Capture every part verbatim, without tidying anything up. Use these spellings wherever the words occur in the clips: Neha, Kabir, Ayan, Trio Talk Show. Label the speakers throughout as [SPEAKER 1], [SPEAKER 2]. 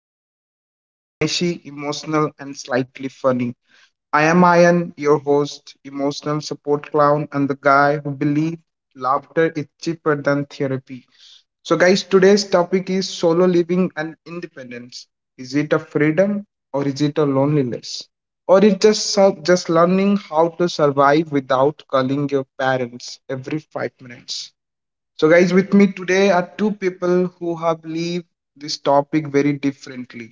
[SPEAKER 1] happens messy, emotional, and slightly funny. I am Ayan, your host, emotional support clown, and the guy who believes laughter is cheaper than therapy. So, guys, today's topic is solo living and independence. Is it a freedom or is it a loneliness? Or is just so- just learning how to survive without calling your parents every five minutes? So, guys, with me today are two people who have lived this topic very differently.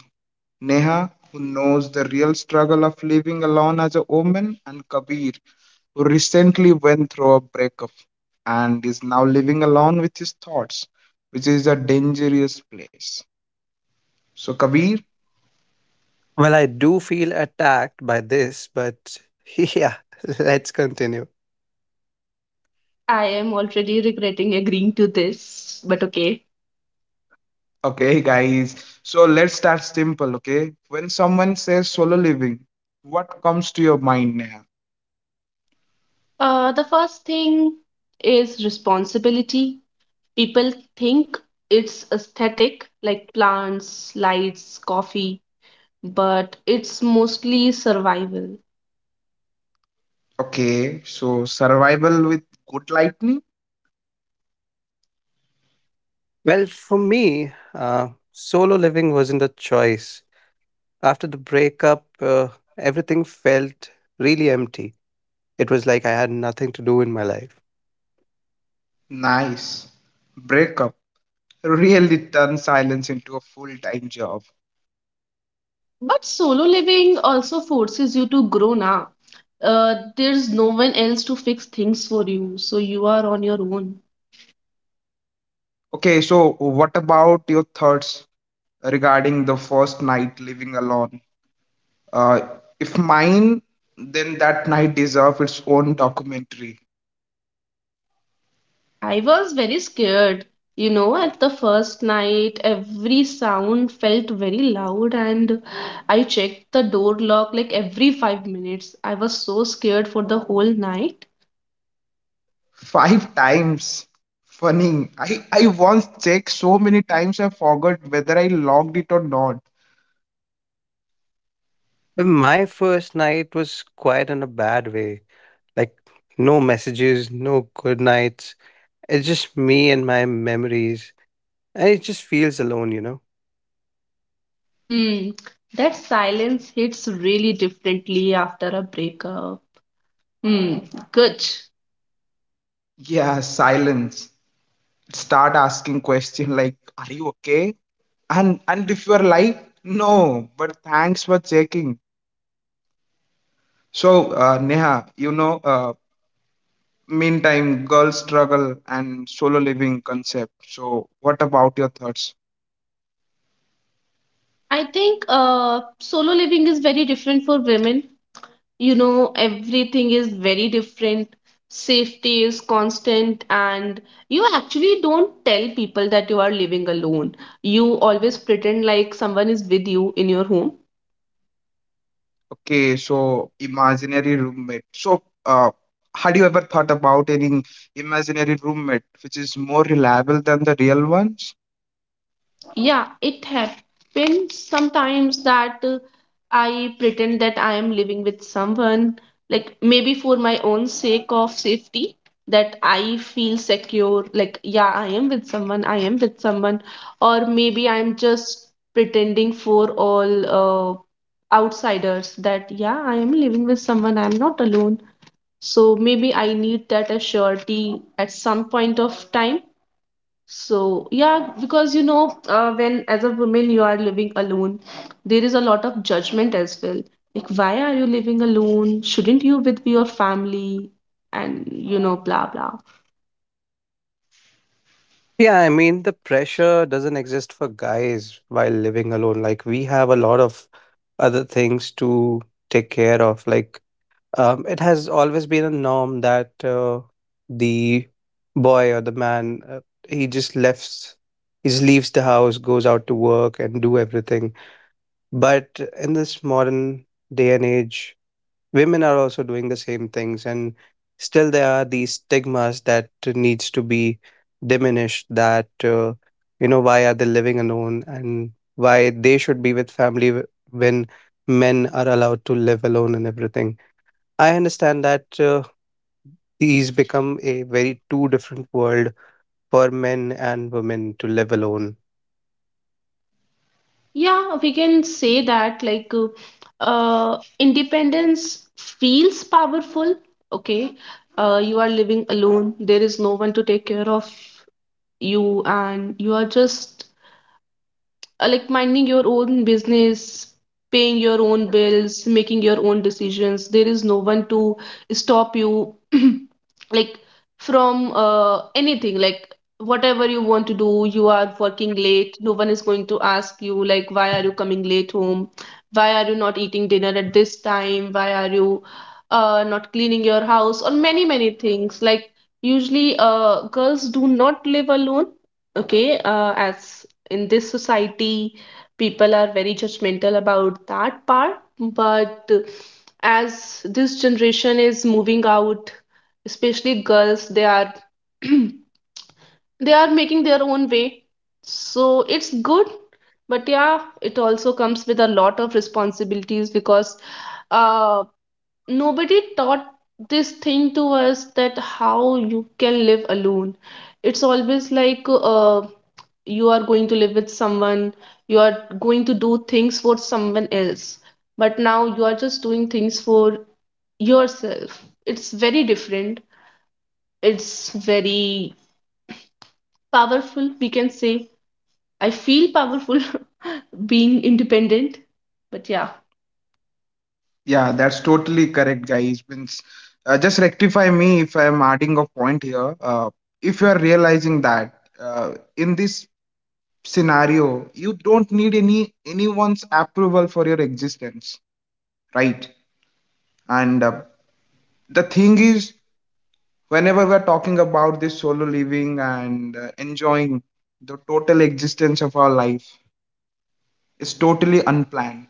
[SPEAKER 1] Neha, who knows the real struggle of living alone as a woman, and Kabir, who recently went through a breakup and is now living alone with his thoughts, which is a dangerous place. So, Kabir,
[SPEAKER 2] Well, I do feel attacked by this, but yeah, let's continue.
[SPEAKER 3] I am already regretting agreeing to this, but okay.
[SPEAKER 1] okay, guys, so let's start simple, okay? When someone says solo living, what comes to your mind, Neha?
[SPEAKER 3] Uh, the first thing is responsibility. People think it's aesthetic, like plants, lights, coffee, but it's mostly survival.
[SPEAKER 1] Okay, so survival with good lightning?
[SPEAKER 2] Well, for me, uh, solo living wasn't a choice. After the breakup, uh, everything felt really empty. It was like I had nothing to do in my life.
[SPEAKER 1] Nice. Breakup really turns silence into a full time job.
[SPEAKER 3] But solo living also forces you to grow now. Uh, there's no one else to fix things for you, so you are on your own.
[SPEAKER 1] Okay, so what about your thoughts regarding the first night living alone? Uh, if mine, then that night deserves its own documentary.
[SPEAKER 3] I was very scared. You know, at the first night, every sound felt very loud, and I checked the door lock like every five minutes. I was so scared for the whole night.
[SPEAKER 1] Five times. Funny. I, I once checked so many times I forgot whether I logged it or not.
[SPEAKER 2] And my first night was quite in a bad way. Like, no messages, no good nights. It's just me and my memories. And it just feels alone, you know?
[SPEAKER 3] Hmm, that silence hits really differently after a breakup. Hmm, good.
[SPEAKER 1] Yeah, silence. Start asking question like, are you okay? And and if you're like, no, but thanks for checking. So, uh, Neha, you know, uh, meantime girl struggle and solo living concept, so what about your thoughts?
[SPEAKER 3] I think uh, solo living is very different for women. You know, everything is very different. Safety is constant, and you actually don't tell people that you are living alone. You always pretend like someone is with you in your home.
[SPEAKER 1] Okay, so imaginary roommate. So uh, had you ever thought about any imaginary roommate which is more reliable than the real ones?
[SPEAKER 3] Yeah, it happens sometimes that uh, I pretend that I am living with someone, like maybe for my own sake of safety, that I feel secure, like, yeah, I am with someone, I am with someone, or maybe I'm just pretending for all uh, outsiders that, yeah, I am living with someone, I'm not alone. So maybe I need that assurity at some point of time. So, yeah, because you know, uh, when as a woman you are living alone, there is a lot of judgment as well. Like, why are you living alone? Shouldn't you with your family? And you know, blah blah.
[SPEAKER 2] Yeah, I mean, the pressure doesn't exist for guys while living alone. Like, we have a lot of other things to take care of. Like, um, it has always been a norm that uh, the boy or the man, uh, he just left, he just leaves the house, goes out to work and do everything. But in this modern day and age, women are also doing the same things and still there are these stigmas that needs to be diminished that uh, you know why are they living alone and why they should be with family w- when men are allowed to live alone and everything. I understand that uh, these become a very two different world for men and women to live alone.
[SPEAKER 3] Yeah, we can say that like uh, uh, independence feels powerful. Okay, uh, you are living alone. There is no one to take care of you, and you are just uh, like minding your own business, paying your own bills, making your own decisions. There is no one to stop you, like from uh, anything. Like whatever you want to do, you are working late. No one is going to ask you like, why are you coming late home? Why are you not eating dinner at this time? Why are you uh, not cleaning your house? Or many many things. Like usually, uh, girls do not live alone. Okay, uh, as in this society people are very judgmental about that part. But as this generation is moving out, especially girls, they are they are making their own way. So it's good, but yeah, it also comes with a lot of responsibilities because uh, nobody taught this thing to us, that how you can live alone. It's always like uh, you are going to live with someone, you are going to do things for someone else, but now you are just doing things for yourself. It's very different. It's very powerful, we can say. I feel powerful being independent. But yeah.
[SPEAKER 1] Yeah, that's totally correct, guys. Means uh, just rectify me if I'm adding a point here. Uh, if you are realizing that uh, in this scenario you don't need any anyone's approval for your existence, right? And uh, the thing is, whenever we're talking about this solo living and uh, enjoying the total existence of our life, it's totally unplanned.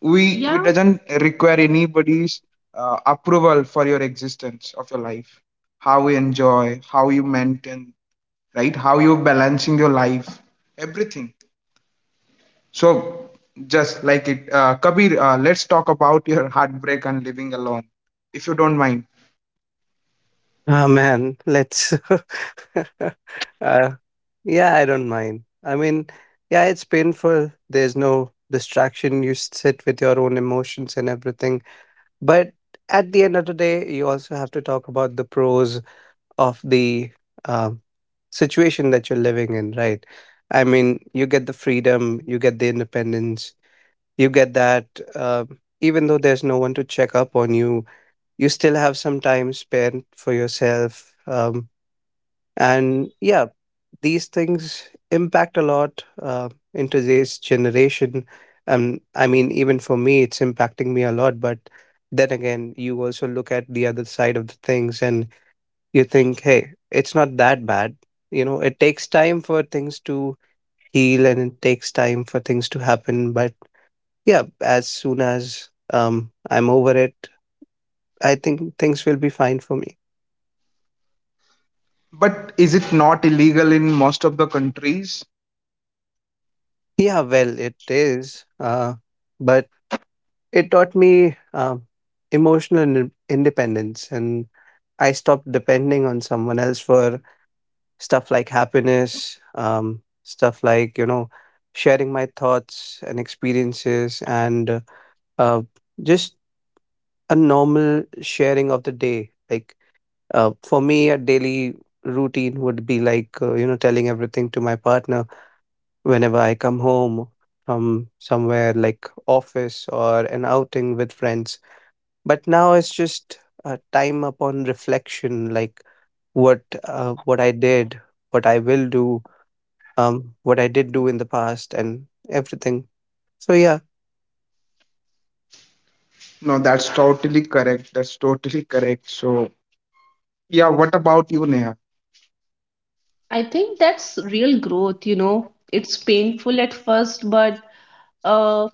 [SPEAKER 1] we
[SPEAKER 3] Yeah,
[SPEAKER 1] we doesn't require anybody's uh, approval for your existence of your life, how you enjoy, how you maintain, right? How you balancing your life, everything. So just like it, uh, Kabir, uh, let's talk about your heartbreak and living alone, if you don't mind.
[SPEAKER 2] Ah man, let's Uh, yeah, I don't mind. I mean, yeah, it's painful. There's no distraction. You sit with your own emotions and everything. But at the end of the day, you also have to talk about the pros of the um, situation that you're living in, right? I mean, you get the freedom, you get the independence, you get that. Um, even though there's no one to check up on you, you still have some time spent for yourself. Um, and yeah, these things impact a lot uh, in today's generation. Um, I mean even for me it's impacting me a lot, but then again you also look at the other side of the things and you think, hey, it's not that bad. You know, it takes time for things to heal and it takes time for things to happen. But yeah, as soon as um, I'm over it, I think things will be fine for me.
[SPEAKER 1] But is it not illegal in most of the countries?
[SPEAKER 2] Yeah, well, it is, uh, but it taught me um, emotional inde- independence, and I stopped depending on someone else for stuff like happiness, um, stuff like, you know, sharing my thoughts and experiences, and uh, just a normal sharing of the day. Like, uh, for me, a daily routine would be like, uh, you know, telling everything to my partner whenever I come home from somewhere like office or an outing with friends. But now it's just uh, time upon reflection, like what uh, what I did, what I will do, um what I did do in the past and everything. So yeah.
[SPEAKER 1] No, that's totally correct. That's totally correct. So, yeah, what about you, Neha?
[SPEAKER 3] I think that's real growth, you know. It's painful at first, but uh,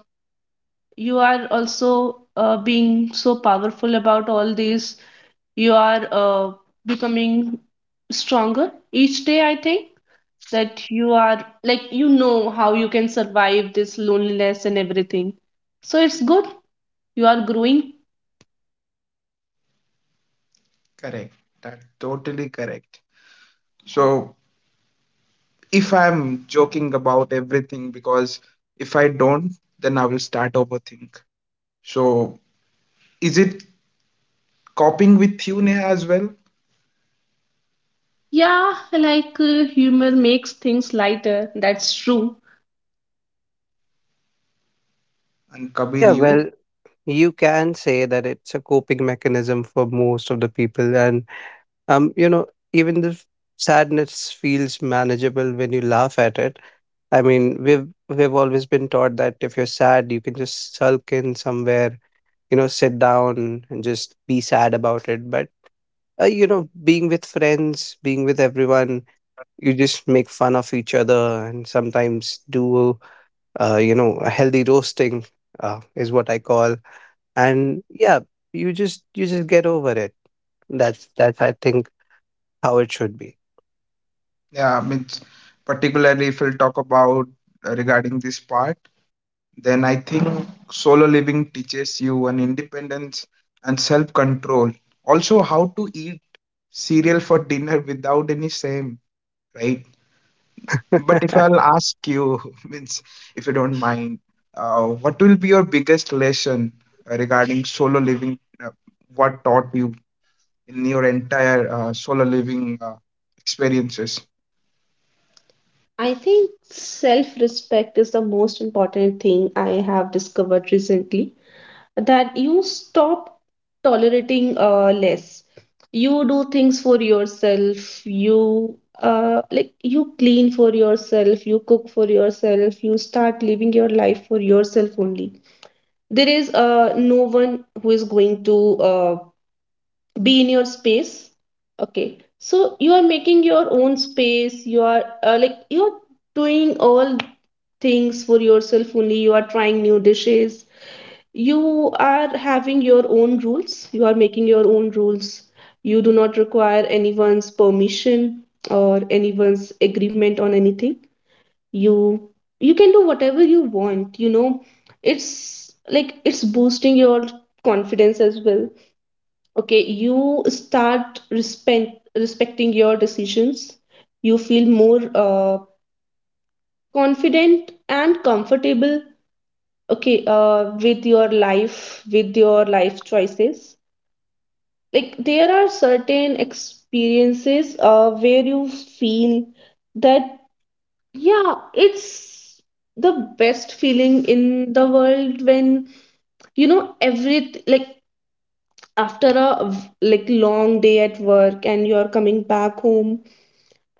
[SPEAKER 3] you are also uh, being so powerful about all this. You are uh, becoming stronger each day, I think, that you are like, you know, how you can survive this loneliness and everything. So it's good. You are growing.
[SPEAKER 1] Correct. That's totally correct. So, if I'm joking about everything, because if I don't, then I will start overthink. So, is it coping with you, Neha, as well?
[SPEAKER 3] Yeah, like uh, humor makes things lighter. That's true.
[SPEAKER 1] And Kabir,
[SPEAKER 2] Yeah, well,
[SPEAKER 1] you?
[SPEAKER 2] you can say that it's a coping mechanism for most of the people. And um you know, even the sadness feels manageable when you laugh at it. I mean, we've we've always been taught that if you're sad you can just sulk in somewhere, you know, sit down and just be sad about it. But uh, you know, being with friends, being with everyone, you just make fun of each other and sometimes do, uh, you know, a healthy roasting uh, is what I call. And yeah, you just you just get over it. That's that's, I think, how it should be.
[SPEAKER 1] Yeah, I mean, particularly if we'll talk about uh, regarding this part, then I think solo living teaches you an independence and self control. Also, how to eat cereal for dinner without any shame, right? But if I'll ask you, means if you don't mind, uh, what will be your biggest lesson uh, regarding solo living? Uh, what taught you in your entire uh, solo living uh, experiences?
[SPEAKER 3] I think self respect is the most important thing I have discovered recently, that you stop tolerating uh, less. You do things for yourself, you uh, like you clean for yourself, you cook for yourself, you start living your life for yourself only. There is uh, no one who is going to uh, be in your space. Okay, so you are making your own space, you are uh, like you're doing all things for yourself only. You are trying new dishes, you are having your own rules, you are making your own rules. You do not require anyone's permission or anyone's agreement on anything. you you can do whatever you want, you know. It's like it's boosting your confidence as well. Okay, you start respect, respecting your decisions. You feel more uh, confident and comfortable, okay, uh, with your life, with your life choices. Like there are certain experiences uh, where you feel that, yeah, it's the best feeling in the world when you know every, like after a v- like long day at work and you're coming back home,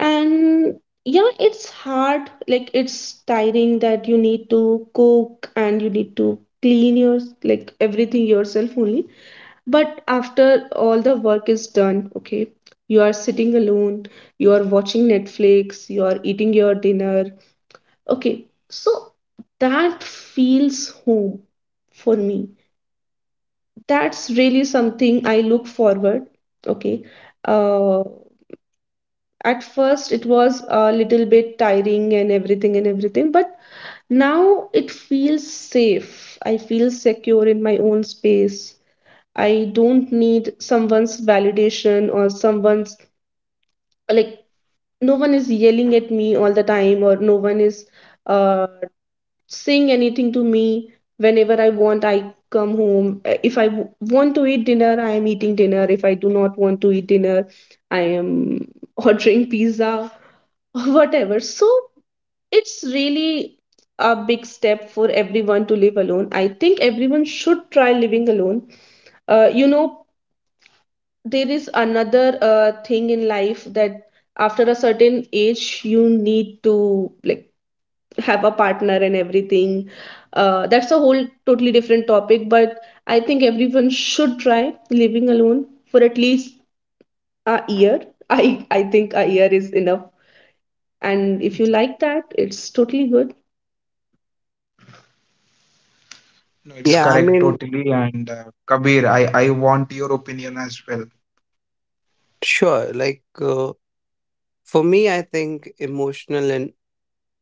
[SPEAKER 3] and yeah, it's hard, like it's tiring, that you need to cook and you need to clean your, like everything yourself only. But after all the work is done, okay, you are sitting alone, you are watching Netflix, you are eating your dinner. Okay, so that feels home for me. That's really something I look forward. Okay, uh, at first it was a little bit tiring and everything and everything, but now it feels safe. I feel secure in my own space. I don't need someone's validation or someone's like, no one is yelling at me all the time, or no one is uh, saying anything to me. Whenever I want, I come home. Uh, if i w- want to eat dinner, I am eating dinner. If I do not want to eat dinner, I am ordering pizza or whatever. So it's really a big step for everyone to live alone. I think everyone should try living alone. Uh, you know, there is another uh, thing in life, that after a certain age, you need to like have a partner and everything. Uh, that's a whole totally different topic, but I think everyone should try living alone for at least a year. I I think a year is enough. And if you like that, it's totally good.
[SPEAKER 1] No, it's
[SPEAKER 2] Yeah, I
[SPEAKER 1] correct,
[SPEAKER 2] mean,
[SPEAKER 1] totally. And uh, Kabir, I, I want your opinion as well.
[SPEAKER 2] sure. Like uh, for me, I think emotional and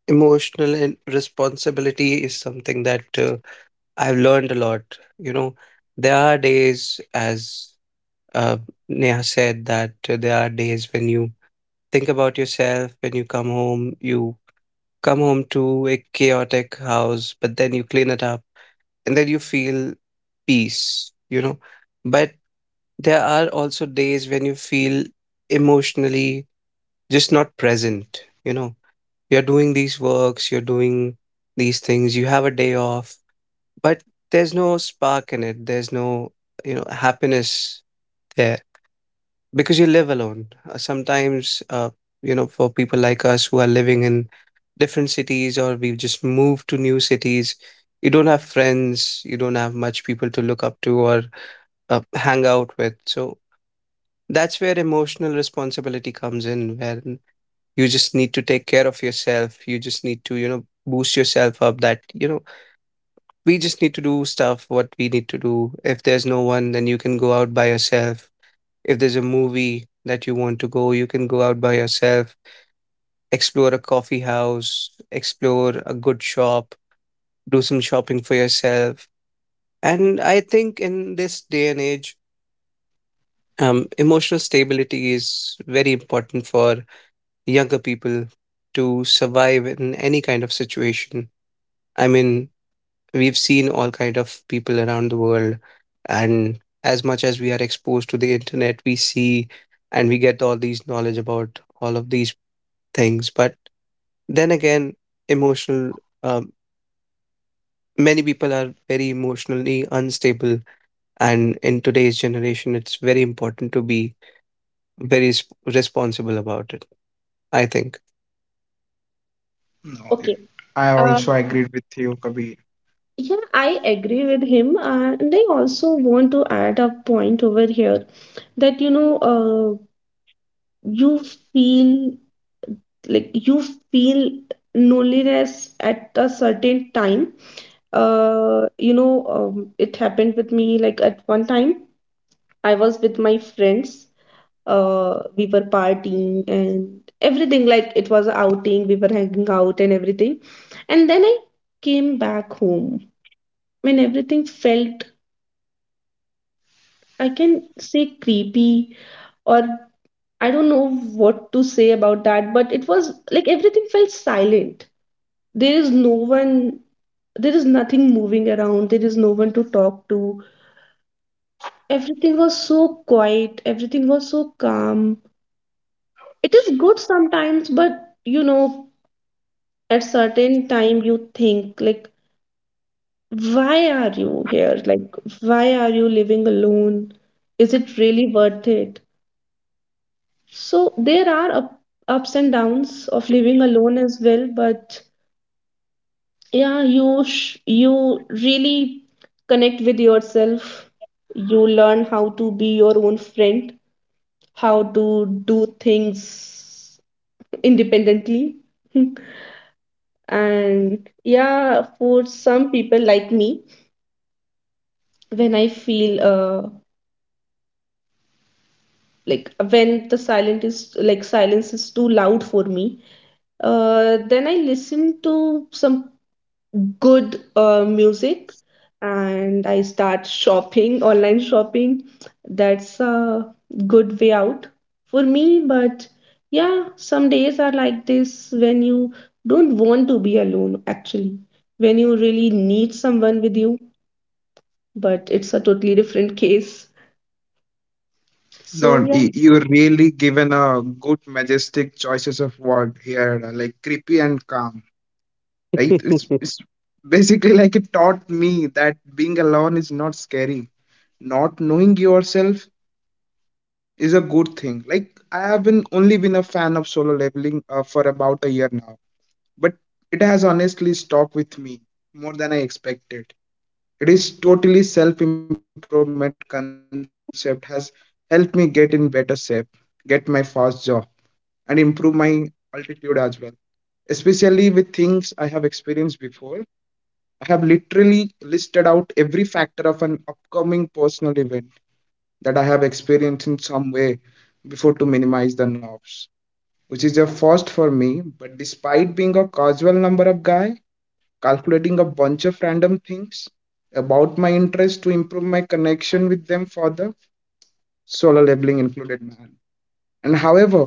[SPEAKER 2] emotional and responsibility is something that uh, I've learned a lot. You know, there are days as Uh, Neha said, that uh, there are days when you think about yourself, when you come home, you come home to a chaotic house, but then you clean it up and then you feel peace, you know. But there are also days when you feel emotionally just not present, you know. You're doing these works, you're doing these things, you have a day off, but there's no spark in it, there's no, you know, happiness there because you live alone. Uh, Sometimes, uh, you know, for people like us who are living in different cities or we've just moved to new cities, you don't have friends, you don't have much people to look up to or uh, hang out with. So that's where emotional responsibility comes in, where you just need to take care of yourself. You just need to, you know, boost yourself up that, you know, we just need to do stuff what we need to do. If there's no one, then you can go out by yourself. If there's a movie that you want to go, you can go out by yourself, explore a coffee house, explore a good shop, do some shopping for yourself. And I think in this day and age, um, emotional stability is very important for younger people to survive in any kind of situation. I mean, we've seen all kind of people around the world, and as much as we are exposed to the internet, we see and we get all these knowledge about all of these things. But then again, emotional, um, many people are very emotionally unstable. And in today's generation, it's very important to be very s- responsible about it, I think.
[SPEAKER 1] No, it-
[SPEAKER 3] Okay.
[SPEAKER 1] I also agreed with you, Kabir.
[SPEAKER 3] Yeah, I agree with him. Uh, and I also want to add a point over here that, you know, uh, you feel like you feel loneliness at a certain time. Uh, you know, um, it happened with me like at one time, I was with my friends. Uh, we were partying and everything, like it was a outing, we were hanging out and everything. And then I came back home and everything felt, I can say, creepy or I don't know what to say about that, but it was like everything felt silent. There is no one, there is nothing moving around, there is no one to talk to. Everything was so quiet, everything was so calm. It is good sometimes, but you know, at certain time you think like, why are you here? Like, why are you living alone? Is it really worth it? So there are up, ups and downs of living alone as well, but yeah, you sh- you really connect with yourself. You learn how to be your own friend, how to do things independently. And yeah, for some people like me, when I feel uh like when the silent is, like silence is too loud for me, uh, then I listen to some good uh, music, and I start shopping online shopping. That's a good way out for me. But yeah, some days are like this, when you don't want to be alone actually, when you really need someone with you, but it's a totally different case. So
[SPEAKER 1] No,
[SPEAKER 3] yeah.
[SPEAKER 1] y- you really given a good, majestic choices of word here, like creepy and calm, right? It's it's basically like it taught me that being alone is not scary. Not knowing yourself is a good thing. Like I have been only been a fan of solo leveling uh, for about a year now, but it has honestly stuck with me more than I expected. It is totally self-improvement concept has helped me get in better shape, get my first job, and improve my altitude as well. Especially with things I have experienced before, I have literally listed out every factor of an upcoming personal event that I have experienced in some way before to minimize the knobs, which is a first for me. But despite being a casual number of guy, calculating a bunch of random things about my interest to improve my connection with them for the solo labeling included, man. And however,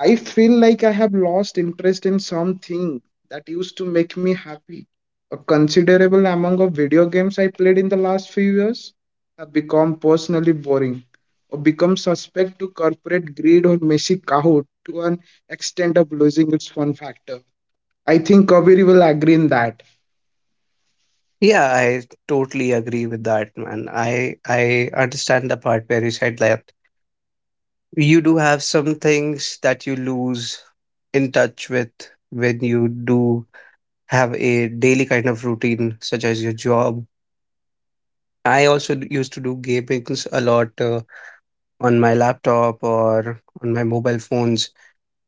[SPEAKER 1] I feel like I have lost interest in something that used to make me happy. A considerable amount of video games I played in the last few years have become personally boring or become suspect to corporate greed or messy Kahoot to an extent of losing its fun factor. I think Kaveri will agree in that.
[SPEAKER 2] Yeah, I totally agree with that, man. I I understand the part where you said that you do have some things that you lose in touch with when you do have a daily kind of routine, such as your job. I also d- used to do gamings a lot uh, on my laptop or on my mobile phones.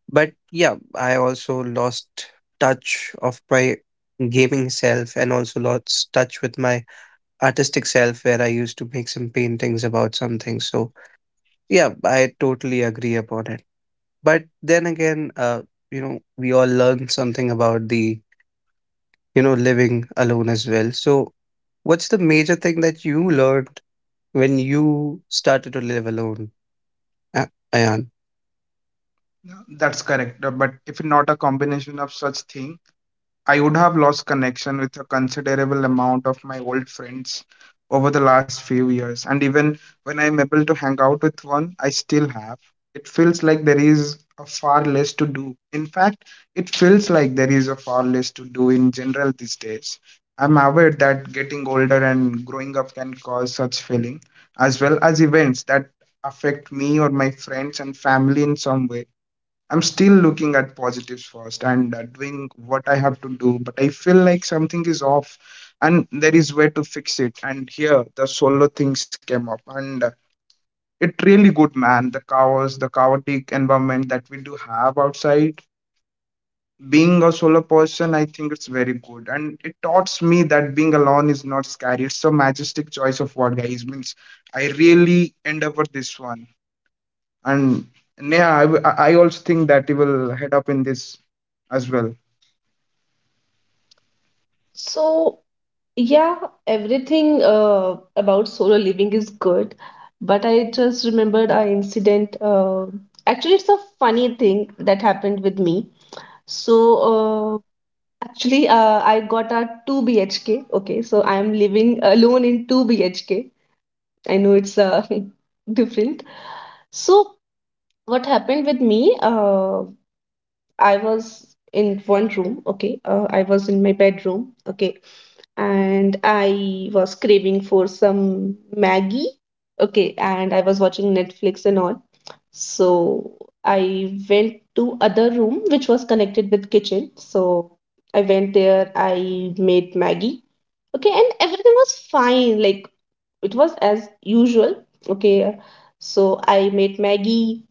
[SPEAKER 2] But yeah, I also lost touch of my gaming self and also lost touch with my artistic self where I used to make some paintings about something. So yeah, I totally agree upon it. But then again, uh, you know, we all learn something about the, you know, living alone as well. So what's the major thing that you learned when you started to live alone, A- Ayan?
[SPEAKER 1] That's correct. uh, But if not a combination of such thing, I would have lost connection with a considerable amount of my old friends over the last few years. And even when I'm able to hang out with one, I still have. It feels like there is a far less to do. In fact, it feels like there is a far less to do in general these days. I'm aware that getting older and growing up can cause such feeling, as well as events that affect me or my friends and family in some way. I'm still looking at positives first and uh, doing what I have to do, but I feel like something is off and there is way to fix it. And here the solo things came up and uh, it really good, man. The chaos, the chaotic environment that we do have outside. Being a solo person, I think it's very good. And it taught me that being alone is not scary. It's a majestic choice of word, guys. Means I really endeavor this one. And yeah, I, w- I I also think that he will head up in this as well.
[SPEAKER 3] So yeah, everything uh, about solo living is good, but I just remembered an incident. Uh, actually, it's a funny thing that happened with me. So, uh, actually, uh, I got a two B H K. Okay, so I'm living alone in two B H K. I know it's uh, different. So, what happened with me? Uh, I was in one room, okay. Uh, I was in my bedroom, okay. And I was craving for some Maggie, okay. And I was watching Netflix and all. So I went to other room which was connected with kitchen. So I went there, I made Maggie, okay. And everything was fine. Like it was as usual, okay. So I made Maggie,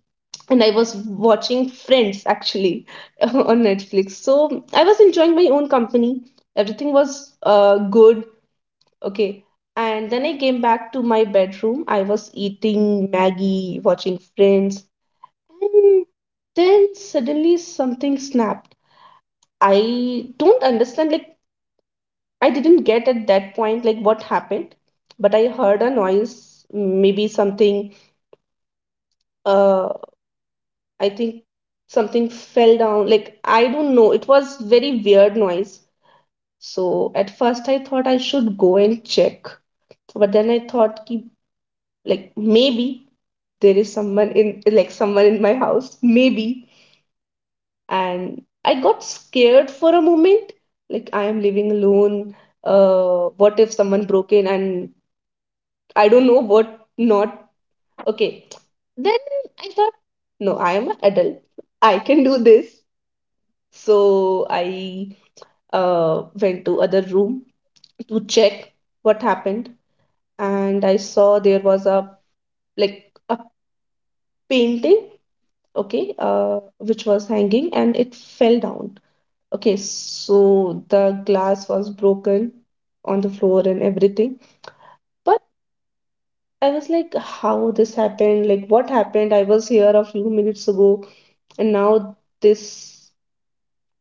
[SPEAKER 3] and I was watching Friends actually on Netflix. So I was enjoying my own company. Everything was uh, good. Okay. And then I came back to my bedroom. I was eating Maggie, watching Friends. And then suddenly something snapped. I don't understand. Like, I didn't get at that point, like, what happened. But I heard a noise, maybe something. Uh, I think something fell down. Like, I don't know. It was very weird noise. So at first I thought I should go and check. But then I thought ki, like maybe there is someone, in like someone in my house. Maybe. And I got scared for a moment. Like I am living alone. Uh, what if someone broke in, and I don't know what not. Okay. Then I thought, no, I am an adult. I can do this. So I uh, went to other room to check what happened, and I saw there was a like a painting. Okay. Uh, which was hanging and it fell down. Okay, so the glass was broken on the floor and everything. But I was like, how this happened? Like, what happened? I was here a few minutes ago and now this.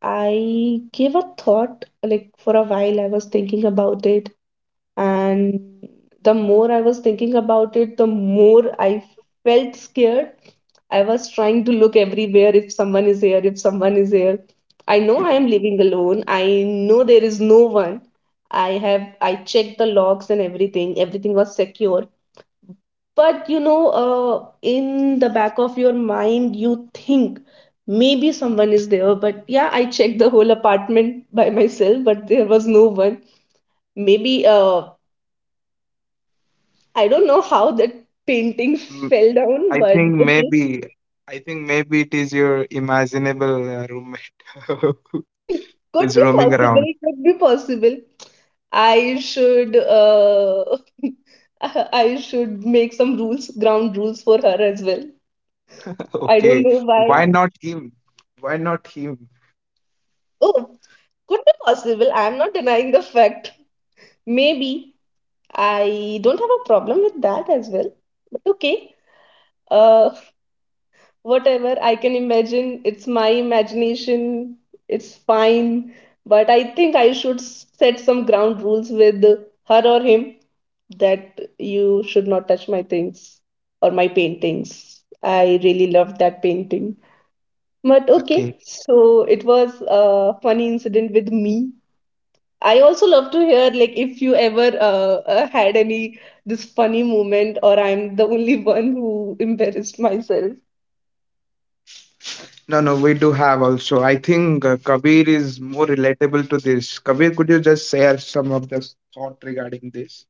[SPEAKER 3] I gave a thought, like for a while I was thinking about it, and the more I was thinking about it, the more I felt scared. I was trying to look everywhere, if someone is here, if someone is here. I know I am living alone, I know there is no one. i have I checked the logs and everything. Everything was secure. But you know, uh, in the back of your mind you think maybe someone is there. But yeah, I checked the whole apartment by myself, but there was no one. Maybe uh, I don't know how that painting
[SPEAKER 1] Mm,
[SPEAKER 3] fell down,
[SPEAKER 1] I
[SPEAKER 3] but
[SPEAKER 1] think
[SPEAKER 3] okay.
[SPEAKER 1] maybe, I think maybe it is your imaginable uh, roommate who
[SPEAKER 3] Could
[SPEAKER 1] is
[SPEAKER 3] be
[SPEAKER 1] roaming around.
[SPEAKER 3] possible. Could be possible. I should uh, I should make some rules, ground rules for her as well. I don't
[SPEAKER 1] Okay,
[SPEAKER 3] know
[SPEAKER 1] why
[SPEAKER 3] why.
[SPEAKER 1] not him? Why not him?
[SPEAKER 3] Oh, could be possible. I'm not denying the fact. Maybe I don't have a problem with that as well. But okay. Uh, Whatever I can imagine. It's my imagination. It's fine. But I think I should s- set some ground rules with her or him, that you should not touch my things or my paintings. I really loved that painting. But
[SPEAKER 1] Okay.
[SPEAKER 3] okay, so it was a funny incident with me. I also love to hear, like, if you ever uh, uh, had any this funny moment, or I'm the only one who embarrassed myself.
[SPEAKER 1] No, no, we do have also. I think uh, Kabir is more relatable to this. Kabir, could you just share some of the thought regarding this?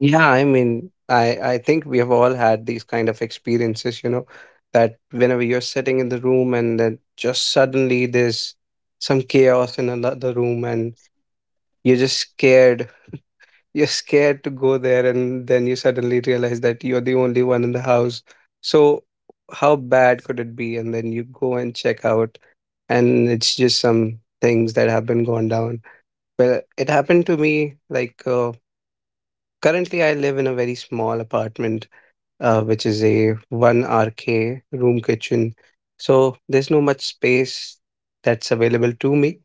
[SPEAKER 2] Yeah, I mean, I I think we have all had these kind of experiences, you know, that whenever you're sitting in the room and then just suddenly there's some chaos in another room and you're just scared. You're scared to go there, and then you suddenly realize that you're the only one in the house. So how bad could it be? And then you go and check out, and it's just some things that have been gone down. Well, it happened to me like uh, currently I live in a very small apartment, uh, which is a one R K room kitchen. So there's no much space that's available to me.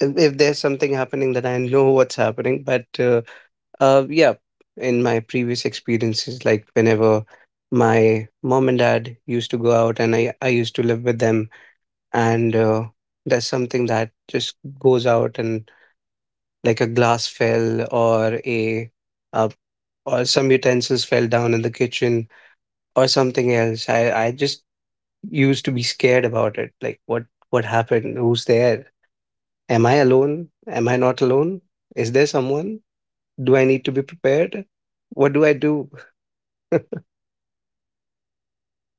[SPEAKER 2] If, if there's something happening, then I know what's happening. But uh, uh, yeah, in my previous experiences, like whenever my mom and dad used to go out and I, I used to live with them, and uh, that's something that just goes out and like a glass fell or a uh, or some utensils fell down in the kitchen or something else. I I just used to be scared about it. Like what what happened? Who's there? Am I alone? Am I not alone? Is there someone? Do I need to be prepared? What do I do?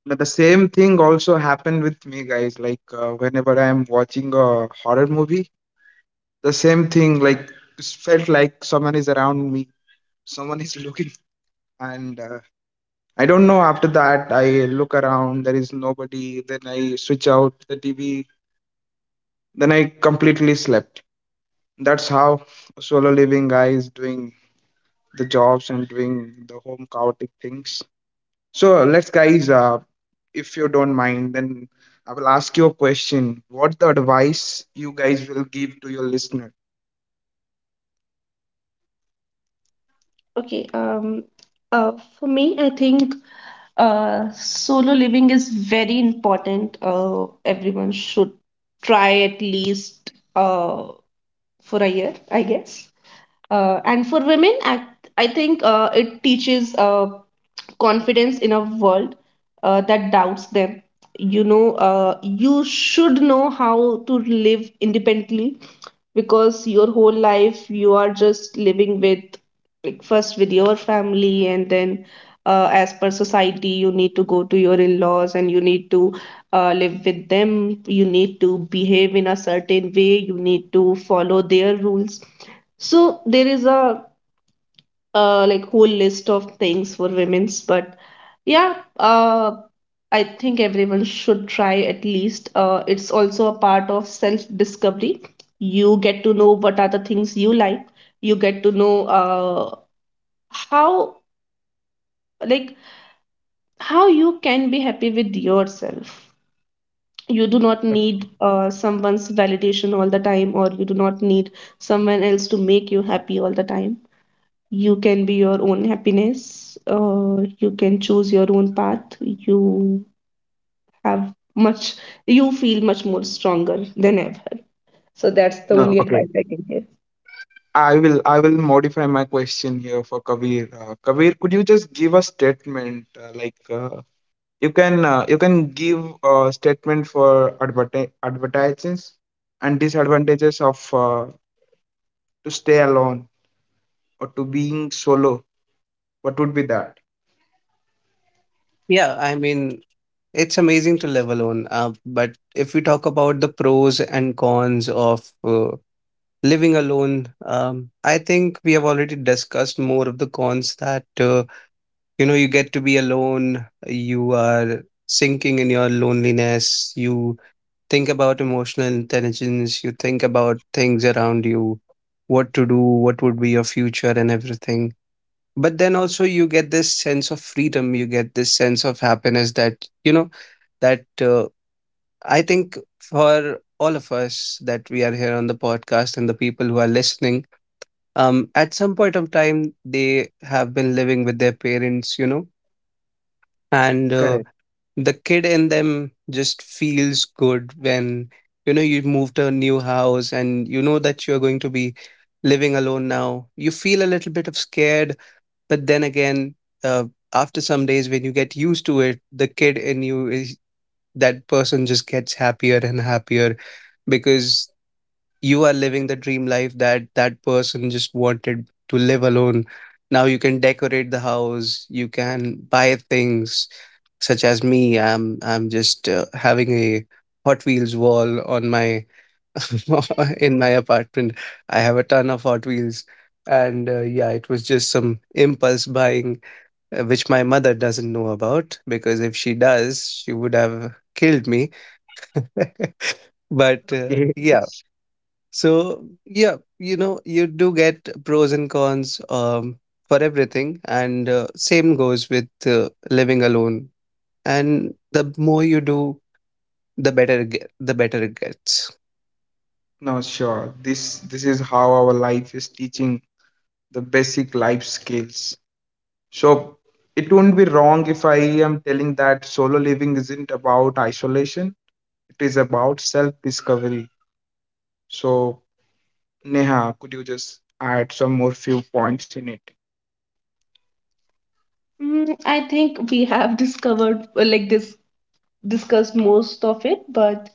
[SPEAKER 1] But the same thing also happened with me, guys. Like uh, whenever I'm watching a horror movie, the same thing, like it's felt like someone is around me, someone is looking. And uh, I don't know, after that I look around, there is nobody, then I switch out the TV, then I completely slept. That's how solo living, guys, doing the jobs and doing the home chaotic things. So let's, guys, uh, if you don't mind, then I will ask you a question. What the advice you guys will give to your listener?
[SPEAKER 3] Okay, um, uh, for me, I think uh, solo living is very important. Uh, everyone should try at least uh, for a year, I guess. Uh, and for women, I, I think uh, it teaches uh, confidence in a world uh, that doubts them. You know, uh, you should know how to live independently, because your whole life you are just living with, like, first with your family, and then uh, as per society, you need to go to your in laws and you need to uh, live with them. You need to behave in a certain way, you need to follow their rules. So there is a uh, like whole list of things for women's. But yeah, uh, I think everyone should try at least. Uh, it's also a part of self discovery. You get to know what are the things you like. You get to know uh, how like how you can be happy with yourself. You do not need uh, someone's validation all the time, or you do not need someone else to make you happy all the time. You can be your own happiness. Uh, you can choose your own path. You have much, you feel much more stronger than ever. So that's the
[SPEAKER 1] No,
[SPEAKER 3] only
[SPEAKER 1] okay,
[SPEAKER 3] advice I can give.
[SPEAKER 1] I will I will modify my question here for Kabir. Uh, Kabir, could you just give a statement uh, like uh, you can, uh, you can give a statement for adverti- advertisements and disadvantages of uh, to stay alone or to being solo? What would be that?
[SPEAKER 2] Yeah, I mean, it's amazing to live alone. Uh, but if we talk about the pros and cons of uh, living alone, um, I think we have already discussed more of the cons. That uh, you know, you get to be alone, you are sinking in your loneliness, you think about emotional intelligence, you think about things around you, what to do, what would be your future and everything. But then also you get this sense of freedom, you get this sense of happiness that, you know, that uh, I think for all of us that we are here on the podcast and the people who are listening, um, at some point of time they have been living with their parents, you know. And uh,
[SPEAKER 1] Correct.
[SPEAKER 2] the kid in them just feels good when, you know, you move to a new house and you know that you're going to be living alone now. You feel a little bit of scared, but then again, uh, after some days when you get used to it, the kid in you is, that person just gets happier and happier, because you are living the dream life that that person just wanted to live alone. Now you can decorate the house, you can buy things, such as me. I'm i'm just uh, having a Hot Wheels wall on my in my apartment. I have a ton of Hot Wheels, and uh, yeah, it was just some impulse buying, uh, which my mother doesn't know about, because if she does she would have killed me. But uh,
[SPEAKER 1] Okay.
[SPEAKER 2] yeah, so yeah, you know, you do get pros and cons, um, for everything, and uh, same goes with uh, living alone. And the more you do, the better it get, the better it gets.
[SPEAKER 1] No, sure. This this is how our life is teaching the basic life skills. So it won't be wrong if I am telling that solo living isn't about isolation. It is about self discovery. So, Neha, could you just add some more few points in it?
[SPEAKER 3] Mm, I think we have discovered, uh, like this, discussed most of it, but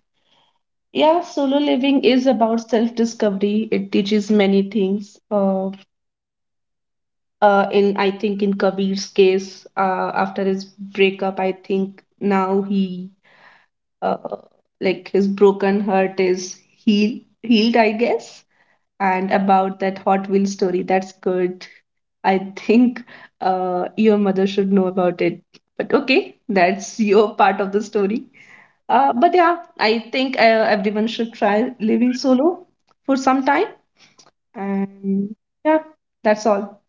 [SPEAKER 3] yeah, solo living is about self-discovery. It teaches many things. Uh, uh, in I think in Kabir's case, uh, after his breakup, I think now he uh, like his broken heart is heal, healed, I guess. And about that Hot Wheels story, that's good. I think uh, your mother should know about it. But okay, that's your part of the story. Uh, but yeah, I think uh, everyone should try living solo for some time. And yeah, that's all.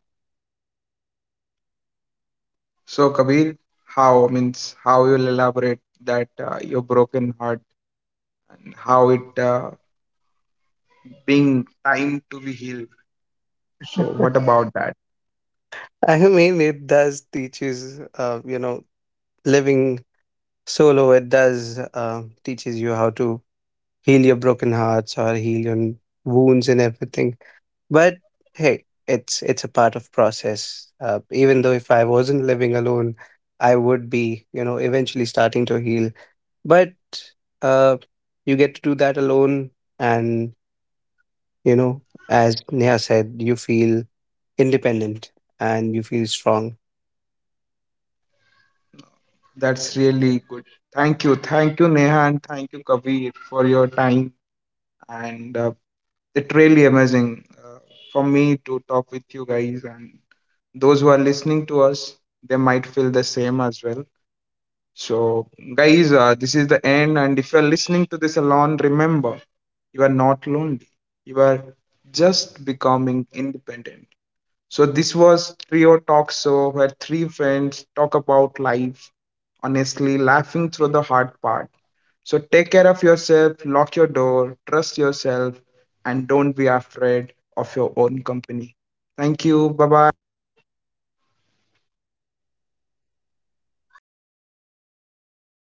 [SPEAKER 1] So, Kabir, how means how you'll elaborate that uh, your broken heart, how it uh, being time to be healed. So, what about that?
[SPEAKER 2] I mean, it does teaches, uh, you know, living solo. It does uh, teaches you how to heal your broken hearts or heal your wounds and everything. But hey, it's it's a part of process. Uh, even though if I wasn't living alone, I would be, you know, eventually starting to heal. But uh, you get to do that alone, and you know, as Neha said, you feel independent and you feel strong.
[SPEAKER 1] That's really good. Thank you, thank you, Neha, and thank you, Kabir, for your time. And uh, it's really amazing uh, for me to talk with you guys. And those who are listening to us, they might feel the same as well. So, guys, uh, this is the end. And if you're listening to this alone, remember you are not lonely. You are just becoming independent. So, this was Trio Talk Show, where three friends talk about life, honestly, laughing through the hard part. So, take care of yourself, lock your door, trust yourself, and don't be afraid of your own company. Thank you. Bye bye.